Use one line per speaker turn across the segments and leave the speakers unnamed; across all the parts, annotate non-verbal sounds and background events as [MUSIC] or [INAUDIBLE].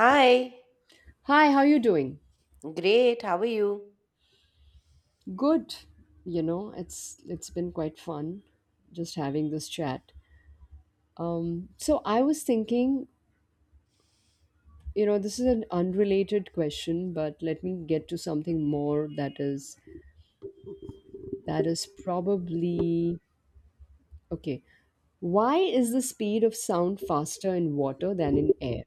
Hi,
Hi, how you doing?
great, how are you?
Good. You know, it's been quite fun just having this chat. So I was thinking, you know, this is an unrelated question, but let me get to something more that is probably okay. Why is the speed of sound faster in water than in air?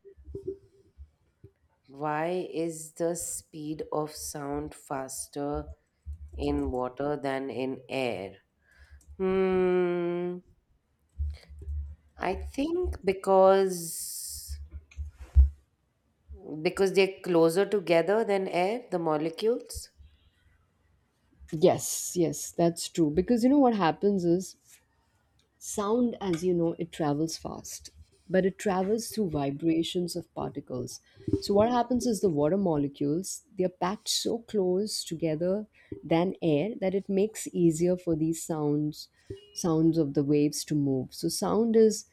Why is the speed of sound faster in water than in air? Hmm, I think because they're closer together than air, the molecules.
Yes, yes, that's true. Because you know what happens is sound, as you know, it travels fast, but it travels through vibrations of particles. So, what happens is the water molecules they are packed so close together than air that it makes easier for these sounds of the waves to move. So, sound is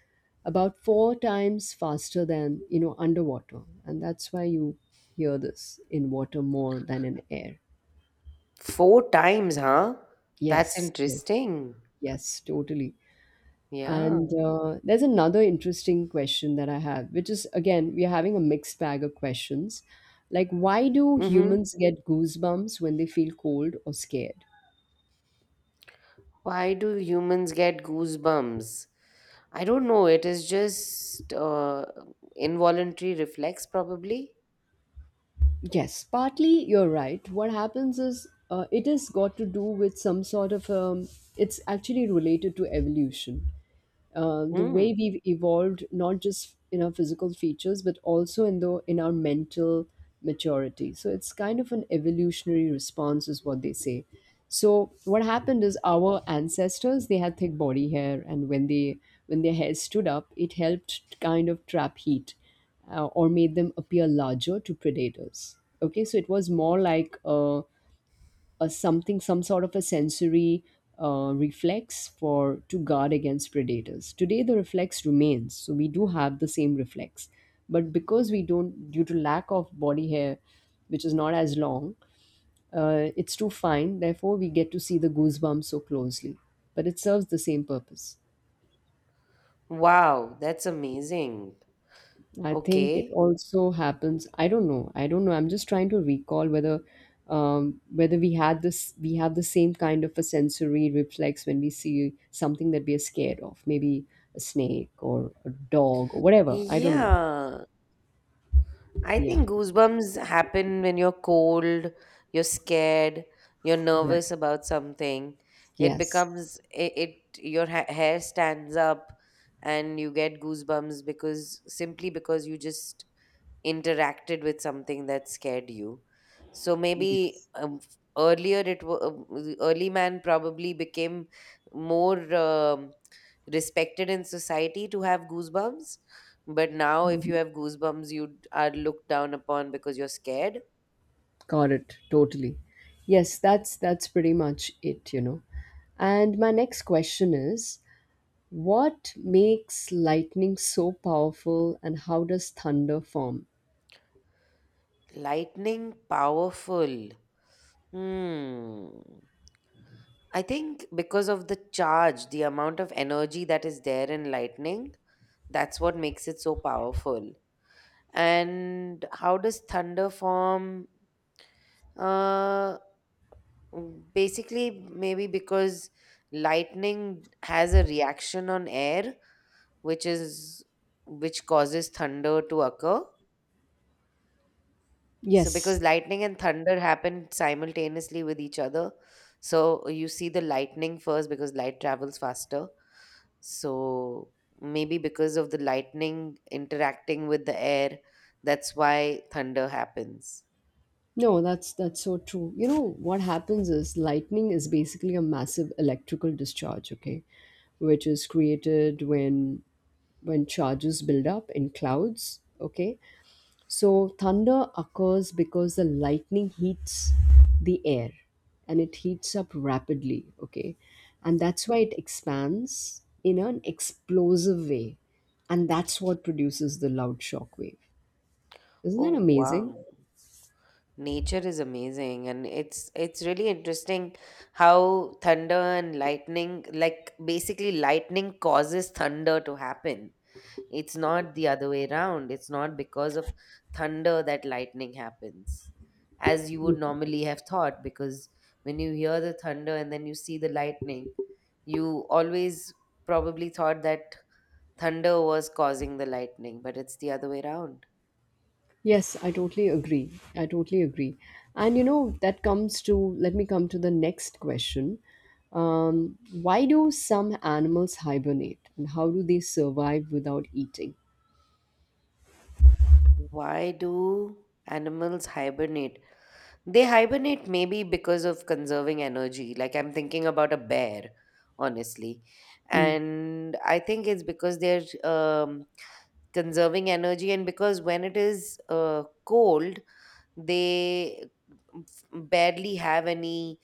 about four times faster than you know underwater, and that's why you hear this in water more than in air.
Four times, huh? That's
Yes, yes,
interesting.
yes, totally.
Yeah.
And there's another interesting question that I have, which is again, we are having a mixed bag of questions. Like, why do
Mm-hmm.
humans get goosebumps when they feel cold or scared?
Why do humans get goosebumps? I don't know. It is just involuntary reflex, probably.
Yes, partly you're right. What happens is it has got to do with some sort of, it's actually related to evolution. The way
Hmm.
we've evolved not just in our physical features but also in the in our mental maturity, so it's kind of an evolutionary response is what they say. So what happened is our ancestors they had thick body hair, and when their hair stood up it helped to kind of trap heat, or made them appear larger to predators, okay? So it was more like a something, some sort of a sensory reflex for to guard against predators. Today the reflex remains, so we do have the same reflex, but because we don't, due to lack of body hair which is not as long, it's too fine, therefore we get to see the goosebumps so closely, but it serves the same purpose.
Wow, that's amazing.
I think it
Okay.
also happens. I don't know. I don't know. I'm just trying to recall whether whether we had this, we have the same kind of a sensory reflex when we see something that we are scared of, maybe a snake or a dog or whatever. I don't know.
Yeah. I
Yeah.
think goosebumps happen when you're cold, you're scared, you're
Right.
nervous about something. It
Yes.
becomes it, it your hair stands up, and you get goosebumps because simply because you just interacted with something that scared you. So maybe
Yes.
earlier the early man probably became more respected in society to have goosebumps. But now, if you have goosebumps, you are looked down upon because you're scared.
Got it. Totally. Yes, that's pretty much it, you know. And my next question is what makes lightning so powerful and how does thunder form?
Lightning powerful. Hmm. I think because of the charge, the amount of energy that is there in lightning, that's what makes it so powerful. And how does thunder form? Uh, Basically, maybe because lightning has a reaction on air, which is which causes thunder to occur. So, because
Yes.
lightning and thunder happen simultaneously with each other, so you see the lightning first because light travels faster. So, maybe because of the lightning interacting with the air, that's why thunder happens.
No, that's so true. You know what happens is lightning is basically a massive electrical discharge, okay, which is created when charges build up in clouds, okay? So thunder occurs because the lightning heats the air and it heats up rapidly, okay? And that's why it expands in an explosive way. And that's what produces the loud shock wave. Isn't that
Oh
amazing?
wow. Nature is amazing, and it's really interesting how thunder and lightning like basically lightning causes thunder to happen. It's not the other way around. It's not because of thunder that lightning happens as you would normally have thought because when you hear the thunder and then you see the lightning, you always probably thought that thunder was causing the lightning, but it's the other way around.
Yes, I totally agree. I totally agree. And you know, that comes to, let me come to the next question. Why do some animals hibernate and how do they survive without eating?
Why do animals hibernate? They hibernate maybe because of conserving energy. Like I'm thinking about a bear, honestly.
Hmm.
And I think it's because they're conserving energy, and because when it is cold, they barely have any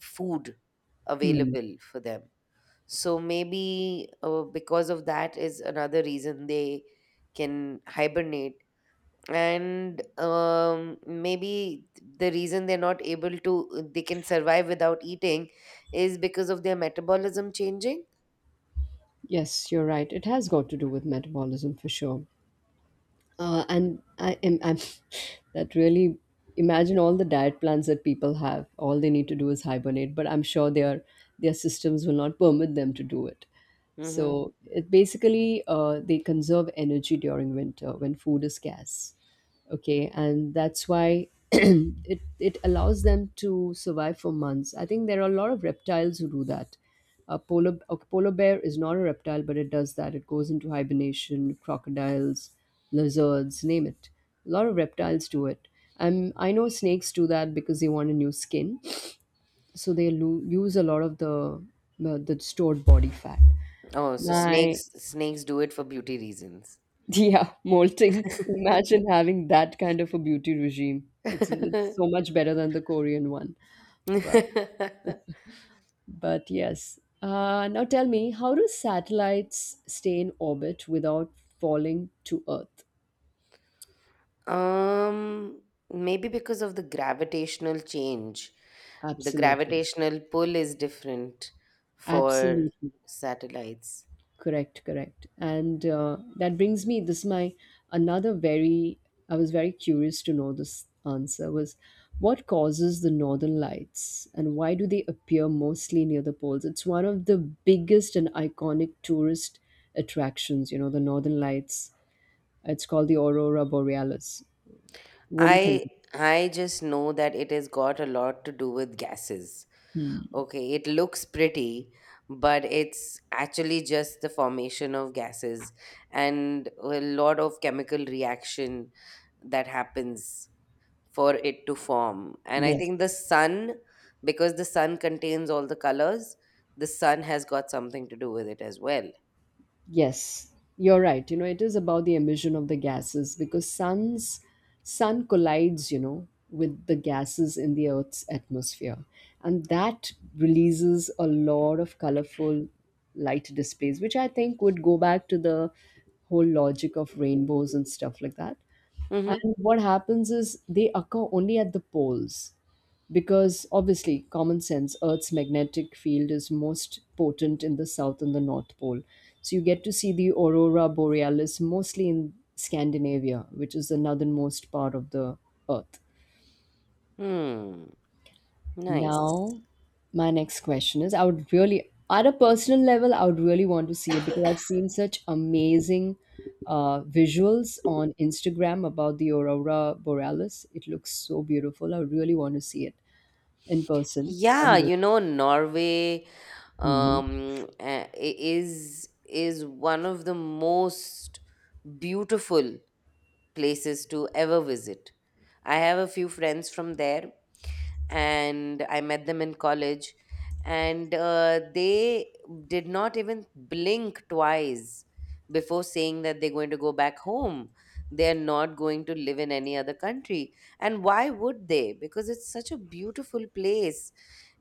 food
Hmm.
available for them. So maybe because of that is another reason they can hibernate and maybe the reason they're not able to they can survive without eating is because of their metabolism changing.
Yes, you're right. It has got to do with metabolism for sure. And I am I'm, [LAUGHS] that really, imagine all the diet plans that people have. All they need to do is hibernate, but I'm sure their systems will not permit them to do it.
Mm-hmm.
So it basically they conserve energy during winter when food is scarce, okay, and that's why [CLEARS THROAT] it allows them to survive for months. I think there are a lot of reptiles who do that. A polar a polar bear is not a reptile but it does that, it goes into hibernation. Crocodiles, lizards, name it, a lot of reptiles do it. I know snakes do that because they want a new skin, so they use a lot of the the stored body fat.
Oh, so
My
snakes do it for beauty reasons.
Yeah, [LAUGHS] molting. Imagine having that kind of a beauty regime. It's so
[LAUGHS]
much better than the Korean one. But but yes. Now tell me, how do satellites stay in orbit without falling to Earth?
um Maybe because of the gravitational change. The
Absolutely.
gravitational pull is different for
Absolutely.
satellites.
Correct, correct. And that brings me, this is my another very, I was very curious to know this answer, was what causes the northern lights and why do they appear mostly near the poles? It's one of the biggest and iconic tourist attractions, you know, the northern lights. It's called the aurora borealis. What do you think?
I i just know that it has got a lot to do with gases. Okay, it looks pretty, but it's actually just the formation of gases and a lot of chemical reaction that happens for it to form. And I
Yes.
think the sun, because the sun contains all the colors, the sun has got something to do with it as well.
Yes, you're right. You know, it is about the emission of the gases because sun collides, you know, with the gases in the Earth's atmosphere, and that releases a lot of colorful light displays, which I think would go back to the whole logic of rainbows and stuff like that.
Mm-hmm.
And what happens is they occur only at the poles because obviously, common sense, Earth's magnetic field is most potent in the south and the north pole. So you get to see the aurora borealis mostly in Scandinavia, which is the northernmost part of the Earth.
Hmm. Nice.
Now, my next question is I would really, at a personal level, I would really want to see it because I've seen such amazing visuals on Instagram about the Aurora Borealis. It looks so beautiful. I really want to see it in person
Yeah,
someday.
Norway
Mm-hmm.
is one of the most beautiful places to ever visit. I have a few friends from there, and I met them in college, and they did not even blink twice before saying that they're going to go back home. They're not going to live in any other country. And why would they? Because it's such a beautiful place,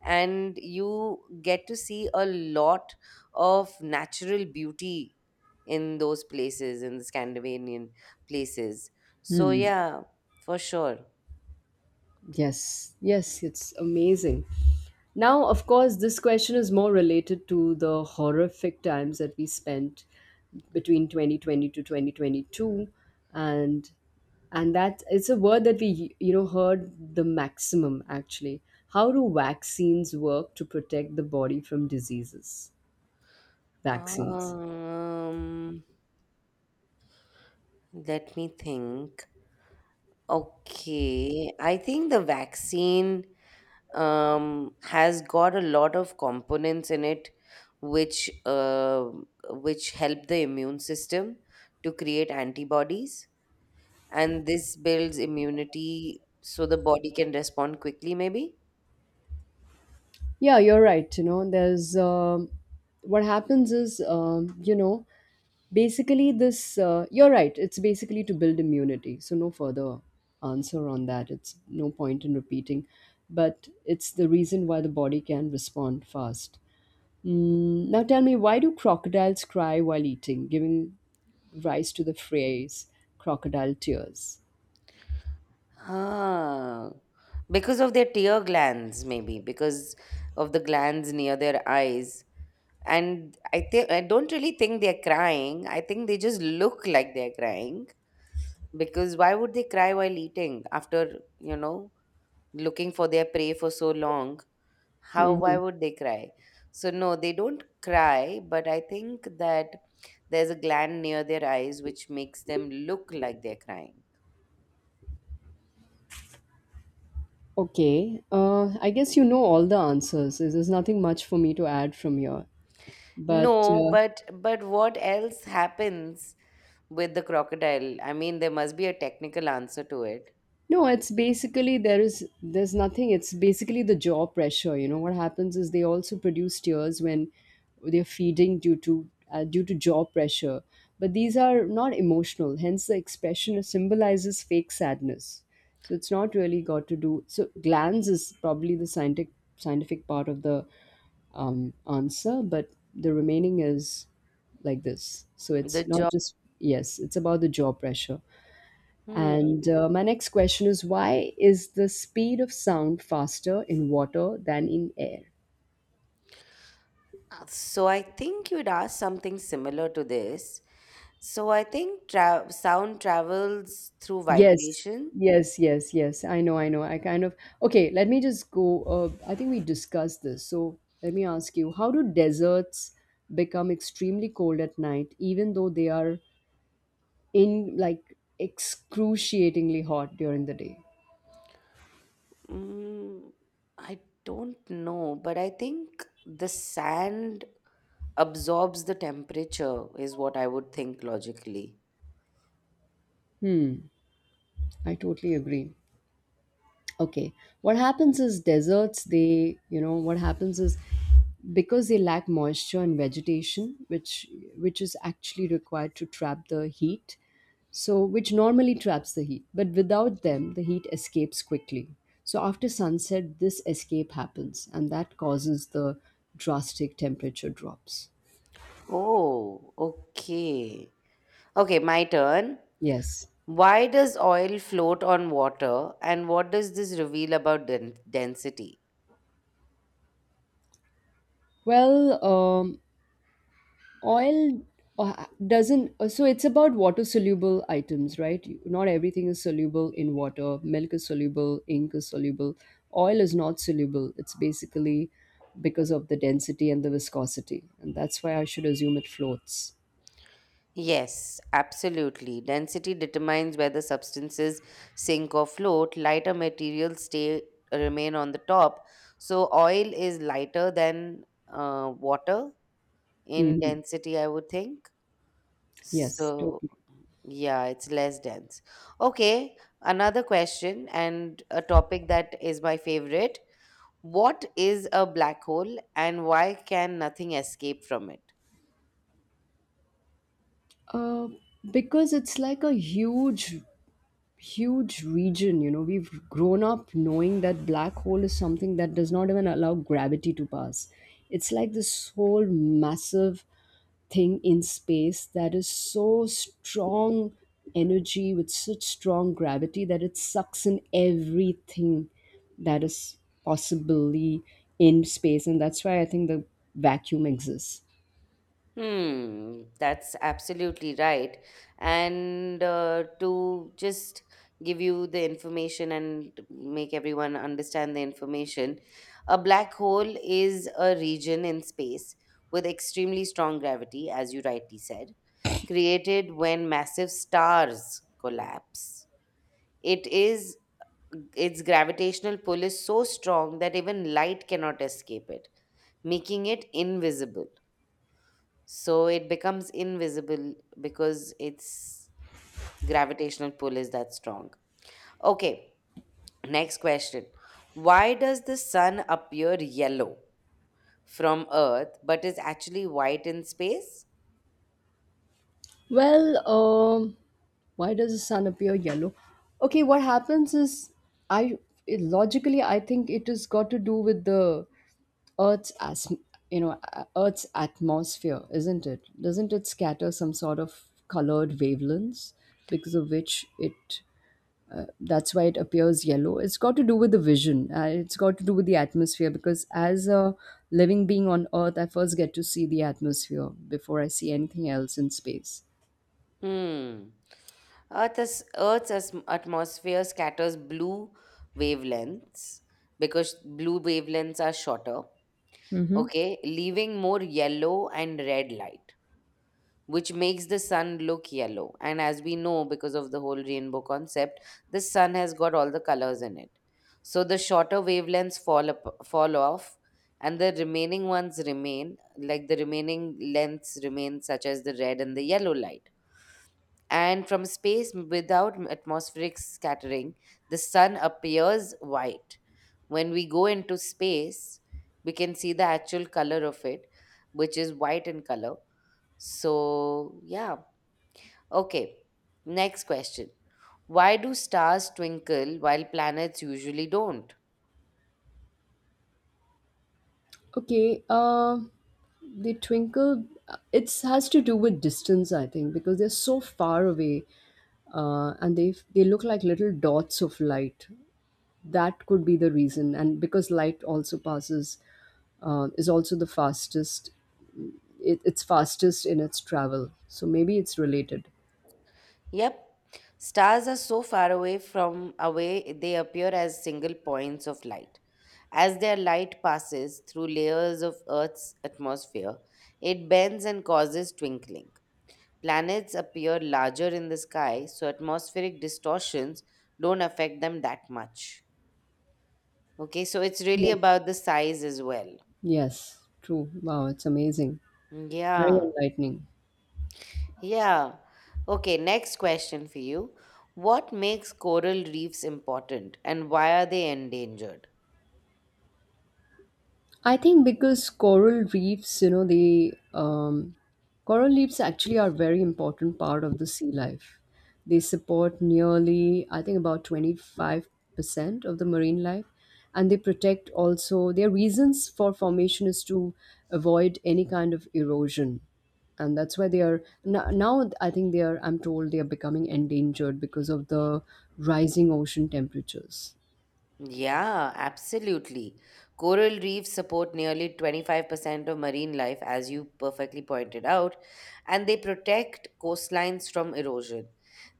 and you get to see a lot of natural beauty in those places, in the Scandinavian places. So, yeah, for sure.
Yes, yes, it's amazing. Now, of course, this question is more related to the horrific times that we spent between 2020 to 2022 and and that it's a word that we you know heard the maximum actually. How do vaccines work to protect the body from diseases? Vaccines.
Um, Let me think. Okay, I think the vaccine has got a lot of components in it, which uh, which help the immune system to create antibodies, and this builds immunity so the body can respond quickly. Maybe,
Yeah, you're right. You know, there's what happens is, you know, Basically, this, you're right, it's basically to build immunity. So, no further answer on that. It's no point in repeating, but it's the reason why the body can respond fast. Mm, now, tell me, why do crocodiles cry while eating, giving rise to the phrase crocodile tears?
ah, because of their tear glands, maybe because of the glands near their eyes, and I think I don't really think they're crying. I think they just look like they're crying because why would they cry while eating after looking for their prey for so long? How why
Mhm.
would they cry? So no, they don't cry, but I think that there's a gland near their eyes which makes them look like they're crying.
Okay, I guess you know all the answers. There's nothing much for me to add from here. But
No, but what else happens with the crocodile? I mean, there must be a technical answer to it.
No, it's basically there is, there's nothing. It's basically the jaw pressure. You know what happens is they also produce tears when they're feeding due to due to jaw pressure. But these are not emotional. Hence, the expression symbolizes fake sadness. So it's not really got to do. So glands is probably the scientific, scientific part of the answer, but the remaining is like this. So it's
The
not
jaw.
just yes. It's about the jaw pressure.
Hmm.
And my next question is why is the speed of sound faster in water than in air?
So I think you'd ask something similar to this. So I think sound travels through
Yes,
vibration.
yes, yes, yes. I know, I know. I kind of. Okay, let me just go. I think we discussed this. So let me ask you, how do deserts become extremely cold at night, even though they are in like excruciatingly hot during the day?
Mm, I don't know, but I think the sand absorbs the temperature, is what I would think logically.
Hmm, I totally agree. Okay, what happens is deserts they, you know what happens is, because they lack moisture and vegetation, which is actually required to trap the heat, so which normally traps the heat, but without them the heat escapes quickly, so after sunset this escape happens and that causes the drastic temperature drops.
Oh, okay. Okay, my turn.
Yes.
Why does oil float on water, and what does this reveal about density?
Well, um, oil doesn't so it's about water soluble items, right? Not everything is soluble in water. Milk is soluble, ink is soluble, oil is not soluble. It's basically because of the density and the viscosity, and that's why I should assume it floats.
Yes, absolutely. Density determines whether substances sink or float. Lighter materials stay remain on the top. So oil is lighter than water in
Hmm.
density, I would think.
Yes,
So
totally.
yeah, it's less dense. Okay, another question and a topic that is my favorite. What is a black hole and why can nothing escape from it?
uh, because it's like a huge, huge region. You know, we've grown up knowing that black hole is something that does not even allow gravity to pass. It's like this whole massive thing in space that is so strong, energy with such strong gravity that it sucks in everything that is possibly in space, and that's why I think the vacuum exists.
Hmm, that's absolutely right. And to just give you the information and make everyone understand the information, a black hole is a region in space with extremely strong gravity, as you rightly said, created when massive stars collapse. It is its gravitational pull is so strong that even light cannot escape it, making it invisible. So it becomes invisible because its gravitational pull is that strong. Okay, next question. Why does the sun appear yellow from Earth but is actually white in space?
Well, why does the sun appear yellow? Okay, what happens is, I, it, logically I think it has got to do with the Earth's as you know Earth's atmosphere, isn't it? Doesn't it scatter some sort of colored wavelengths, because of which it that's why it appears yellow. It's got to do with the vision. It's got to do with the atmosphere because as a living being on Earth, I first get to see the atmosphere before I see anything else in space.
Hmm. Earth's atmosphere scatters blue wavelengths because blue wavelengths are shorter, okay, leaving more yellow and red light, which makes the sun look yellow. And as we know, because of the whole rainbow concept, the sun has got all the colors in it. So the shorter wavelengths fall off, and the remaining ones remain, like the remaining lengths remain, such as the red and the yellow light. And from space, without atmospheric scattering, the sun appears white. When we go into space, we can see the actual color of it, which is white in color. So, yeah. Okay, next question. Why do stars twinkle while planets usually don't?
Okay, the twinkle, it has to do with distance, I think, because they're so far away, and they look like little dots of light. That could be the reason, and because light also passes, is also the fastest. It's fastest in its travel, so maybe it's related.
Yep, stars are so far away from away they appear as single points of light. As their light passes through layers of Earth's atmosphere, it bends and causes twinkling. Planets appear larger in the sky, so atmospheric distortions don't affect them that much. Okay, so it's really
Yes.
about the size as well.
Yes, true. Wow, it's amazing. Very
Yeah.
enlightening.
Yeah. Okay, next question for you. What makes coral reefs important and why are they endangered?
I think because coral reefs, you know, they coral reefs actually are very important part of the sea life. They support nearly, I think, about 25% of the marine life, and they protect also. Their reasons for formation is to avoid any kind of erosion, and that's why they are now. Now I think they are. I'm told they are becoming endangered because of the rising ocean temperatures.
Yeah, absolutely. Coral reefs support nearly 25% of marine life, as you perfectly pointed out, and they protect coastlines from erosion.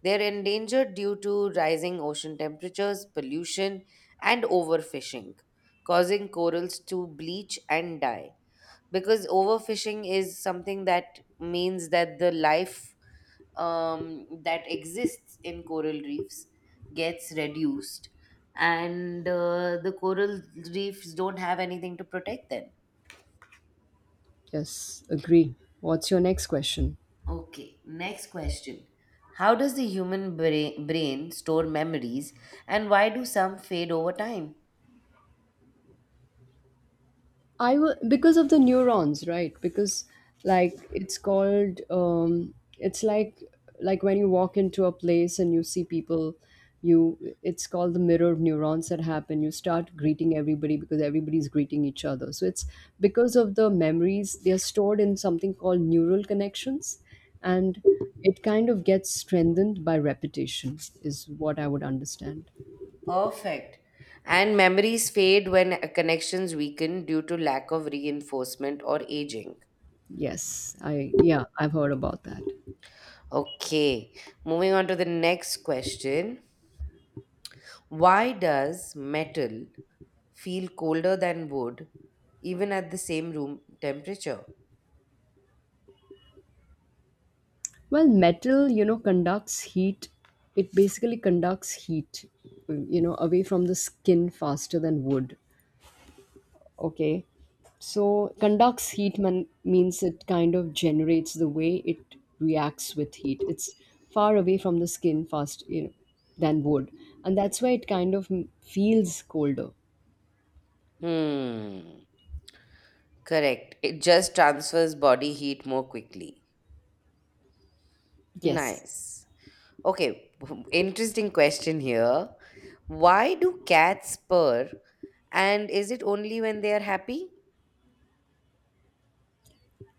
They're endangered due to rising ocean temperatures, pollution, and overfishing, causing corals to bleach and die. Because overfishing is something that means that the life that exists in coral reefs gets reduced, and the coral reefs don't have anything to protect them.
Yes, agree. What's your next question?
Okay, next question. How does the human brain store memories and why do some fade over time?
I will because of the neurons, right? Because it's like when you walk into a place and you see people, you it's called the mirror of neurons that happen. You start greeting everybody because everybody's greeting each other. So it's because of the memories. They are stored in something called neural connections, and it kind of gets strengthened by repetition is what I would understand.
Perfect. And memories fade when connections weaken due to lack of reinforcement or aging.
Yes i yeah I've heard about that.
Okay, moving on to the next question. Why does metal feel colder than wood even at the same room temperature?
Well, metal, you know, conducts heat. It basically conducts heat, you know, away from the skin faster than wood. Okay. So, conducts means it kind of generates the way it reacts with heat. It's far away from the skin fast, you know, than wood. And that's why it kind of feels colder.
Hmm, correct. It just transfers body heat more quickly.
Yes.
Nice. Okay, [LAUGHS] interesting question here. Why do cats purr and is it only when they are happy?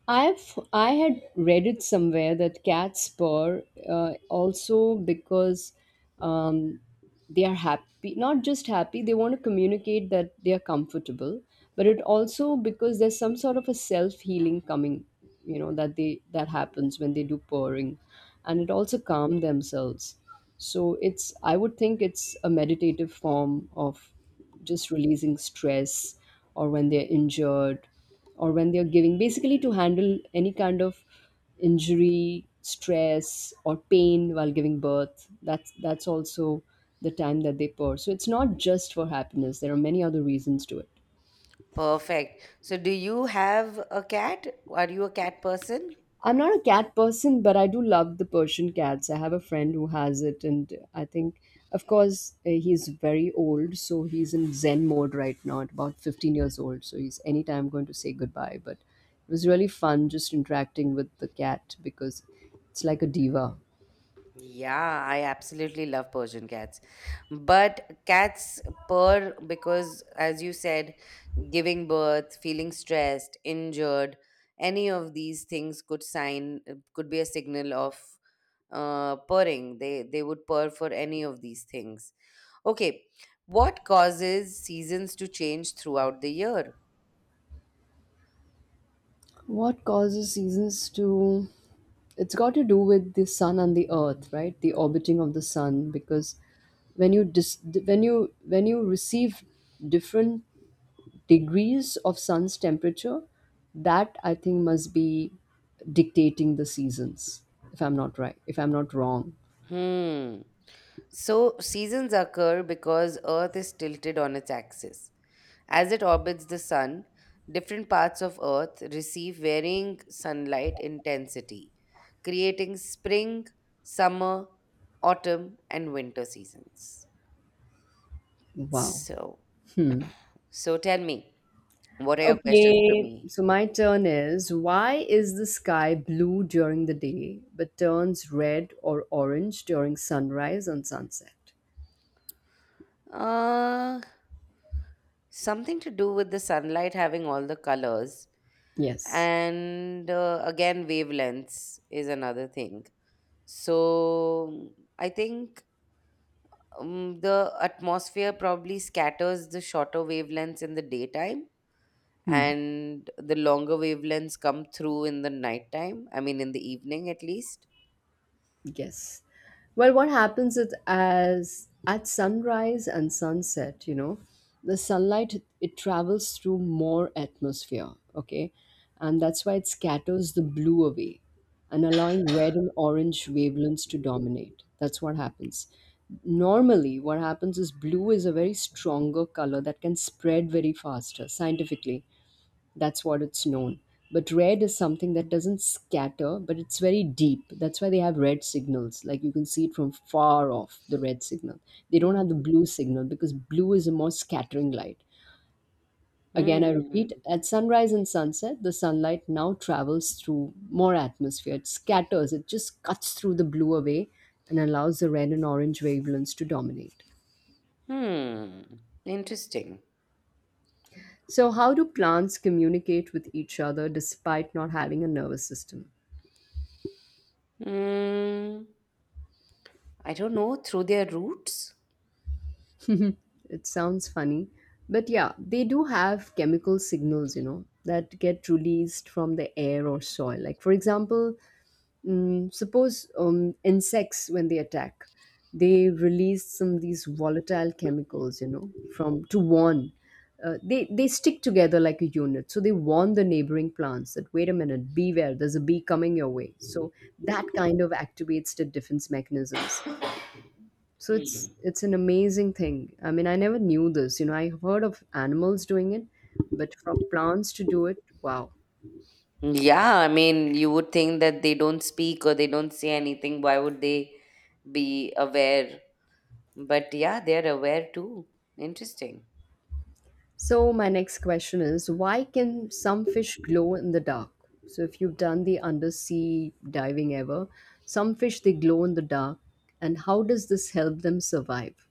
I had read it somewhere that cats purr also because um, they are happy, not just happy. They want to communicate that they are comfortable, but it also because there's some sort of a self healing coming, you know, that they that happens when they do purring, and it also calm themselves. So it's, I would think, it's a meditative form of just releasing stress, or when they're injured, or when they're giving, basically to handle any kind of injury, stress, or pain while giving birth. That's also the time that they pour. So it's not just for happiness. There are many other reasons to it.
Perfect. So, do you have a cat? Are you a cat person?
I'm not a cat person, but I do love the Persian cats. I have a friend who has it, and I think, of course, he's very old, so he's in Zen mode right now, at about 15 years old. So he's anytime going to say goodbye. But it was really fun just interacting with the cat because it's like a diva.
Yeah, I absolutely love Persian cats. But cats purr because, as you said, giving birth, feeling stressed, injured, any of these things could be a signal of purring. They would purr for any of these things. Okay, what causes seasons to change throughout the year?
What causes seasons to. It's got to do with the sun and the earth, right? The orbiting of the sun, because when you dis- when you receive different degrees of sun's temperature, that I think must be dictating the seasons, if I'm not wrong.
Hmm. So, seasons occur because Earth is tilted on its axis. As it orbits the Sun, different parts of Earth receive varying sunlight intensity, creating spring, summer, autumn, and winter seasons.
Wow.
So, so, tell me, what are your questions for
Okay,
me?
so my turn is, why is the sky blue during the day but turns red or orange during sunrise and sunset?
Uh, Something to do with the sunlight having all the colors,
Yes.
and again, wavelengths is another thing. So, I think the atmosphere probably scatters the shorter wavelengths in the daytime
Hmm.
and the longer wavelengths come through in the nighttime, I mean, in the evening at least.
Yes. Well, what happens is, as at sunrise and sunset, you know, the sunlight it travels through more atmosphere, okay? And that's why it scatters the blue away and allowing red and orange wavelengths to dominate. That's what happens. Normally, what happens is blue is a very stronger color that can spread very faster scientifically. That's what it's known. But red is something that doesn't scatter, but it's very deep. That's why they have red signals. Like, you can see it from far off, the red signal. They don't have the
Hmm.
blue signal because blue is a more scattering light. Again, I
Hmm.
repeat, at sunrise and sunset, the sunlight now travels through more atmosphere. It scatters. It just cuts through the blue away and allows the red and orange wavelengths to dominate.
Hmm. Interesting.
So how do plants communicate with each other despite not having a nervous system?
Hmm. I don't know, through their roots.
It sounds funny. But yeah, they do have chemical signals, you know, that get released from the air or soil. Like, for example, mm, suppose insects, when they attack, they release some of these volatile chemicals, you know, from to warn. They stick together like a unit. So they warn the neighboring plants that, wait a minute, beware, there's a bee coming your way. So that kind of activates the defense mechanisms. So it's
Hmm.
it's an amazing thing. I mean, I never knew this. You know, I heard of animals doing it, but for plants to do it, wow.
Yeah, I mean, you would think that they don't speak or they don't say anything. Why would they be aware? But yeah, they're aware too. Interesting.
So my next question is, why can some fish glow in the dark? So if you've done the undersea diving ever, some fish they glow in the dark, and how does this help them survive?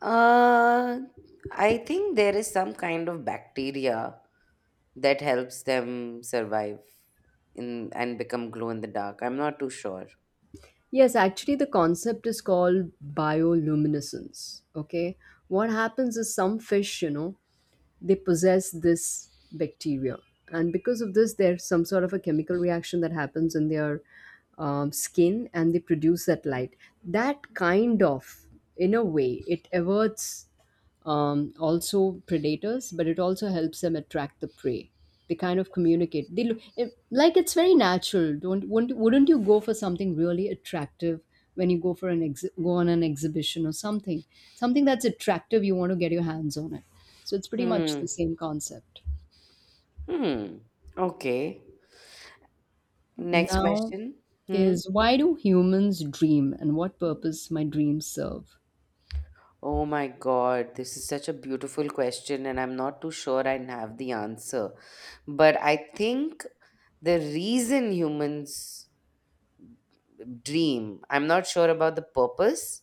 Uh, I think there is some kind of bacteria that helps them survive in and become glow in the dark. I'm not too sure.
Yes, actually, the concept is called bioluminescence. Okay, what happens is, some fish, you know, they possess this bacteria, and because of this there's some sort of a chemical reaction that happens in their skin, and they produce that light that kind of, in a way, it averts also predators, but it also helps them attract the prey. They kind of communicate. They look it, like it's very natural. Don't Wouldn't you go for something really attractive when you go on an exhibition or something? Something that's attractive, you want to get your hands on it. So it's pretty much
Hmm.
the same concept.
Hmm. Okay. Next
Now
question. Hmm.
is, why do humans dream, and what purpose my dreams serve?
Oh my God, this is such a beautiful question, and I'm not too sure I have the answer. But I think the reason humans dream, I'm not sure about the purpose,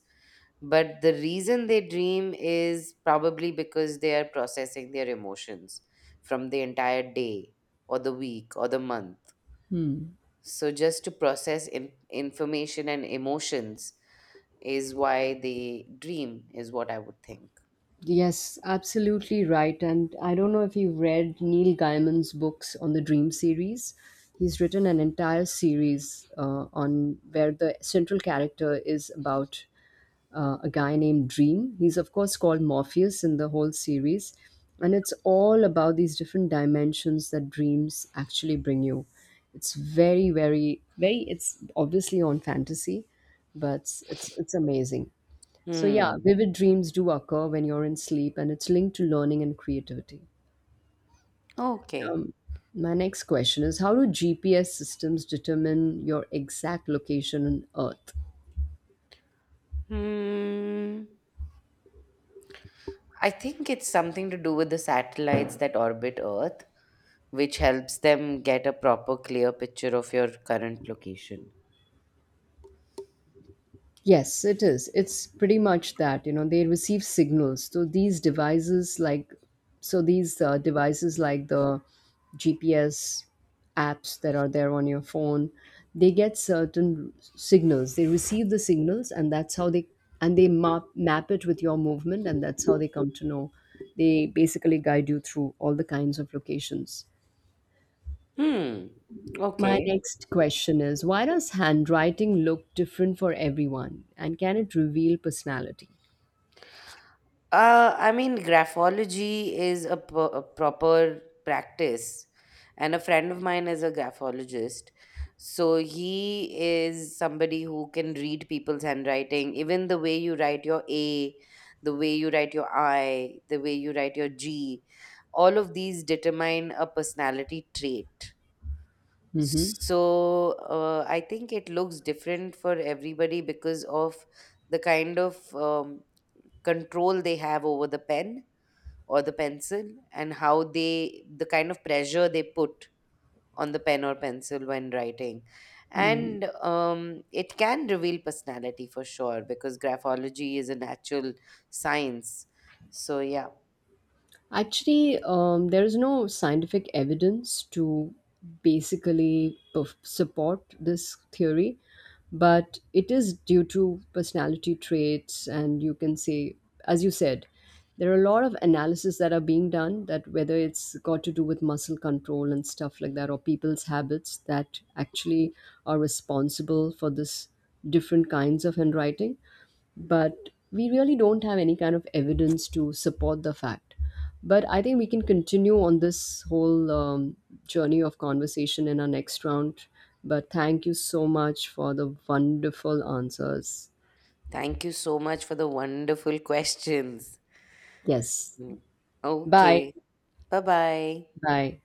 but the reason they dream is probably because they are processing their emotions from the entire day or the week or the month,
Hmm.
so just to process information and emotions is why they dream is what I would think.
Yes, absolutely right. And I don't know if you've read Neil Gaiman's books on the Dream series. He's written an entire series on where the central character is about a guy named Dream. He's of course called Morpheus in the whole series, and it's all about these different dimensions that dreams actually bring you. It's very, very, very. It's obviously on fantasy, but it's amazing. So, yeah,
Hmm.
vivid dreams do occur when you're in sleep, and it's linked to learning and creativity.
Okay.
Um, my next question is, how do GPS systems determine your exact location on Earth?
Hmm. I think it's something to do with the satellites that orbit Earth, which helps them get a proper clear picture of your current location.
Yes, it is. It's pretty much that, you know, they receive signals. So these devices like the GPS apps that are there on your phone, they get certain signals. They receive the signals, and that's how they, and they map it with your movement, and that's how they come to know. They basically guide you through all the kinds of locations.
Hmm.
My
Okay.
next question is, why does handwriting look different for everyone, and can it reveal personality?
I mean, graphology is a proper practice, and a friend of mine is a graphologist. So he is somebody who can read people's handwriting, even the way you write your A, the way you write your I, the way you write your G. All of these determine a personality trait.
Hmm.
So I think it looks different for everybody because of the kind of control they have over the pen or the pencil, and how they the kind of pressure they put on the pen or pencil when writing, and it can reveal personality for sure because graphology is a natural science. So yeah,
Actually, there is no scientific evidence to basically support this theory, but it is due to personality traits, and you can say, as you said, there are a lot of analysis that are being done, that whether it's got to do with muscle control and stuff like that, or people's habits that actually are responsible for this different kinds of handwriting. But we really don't have any kind of evidence to support the fact. But I think we can continue on this whole journey of conversation in our next round. But thank you so much for the wonderful answers.
thank you so much for the wonderful [LAUGHS] questions.
Yes.
Mm. Okay.
Bye.
Bye bye.
Bye.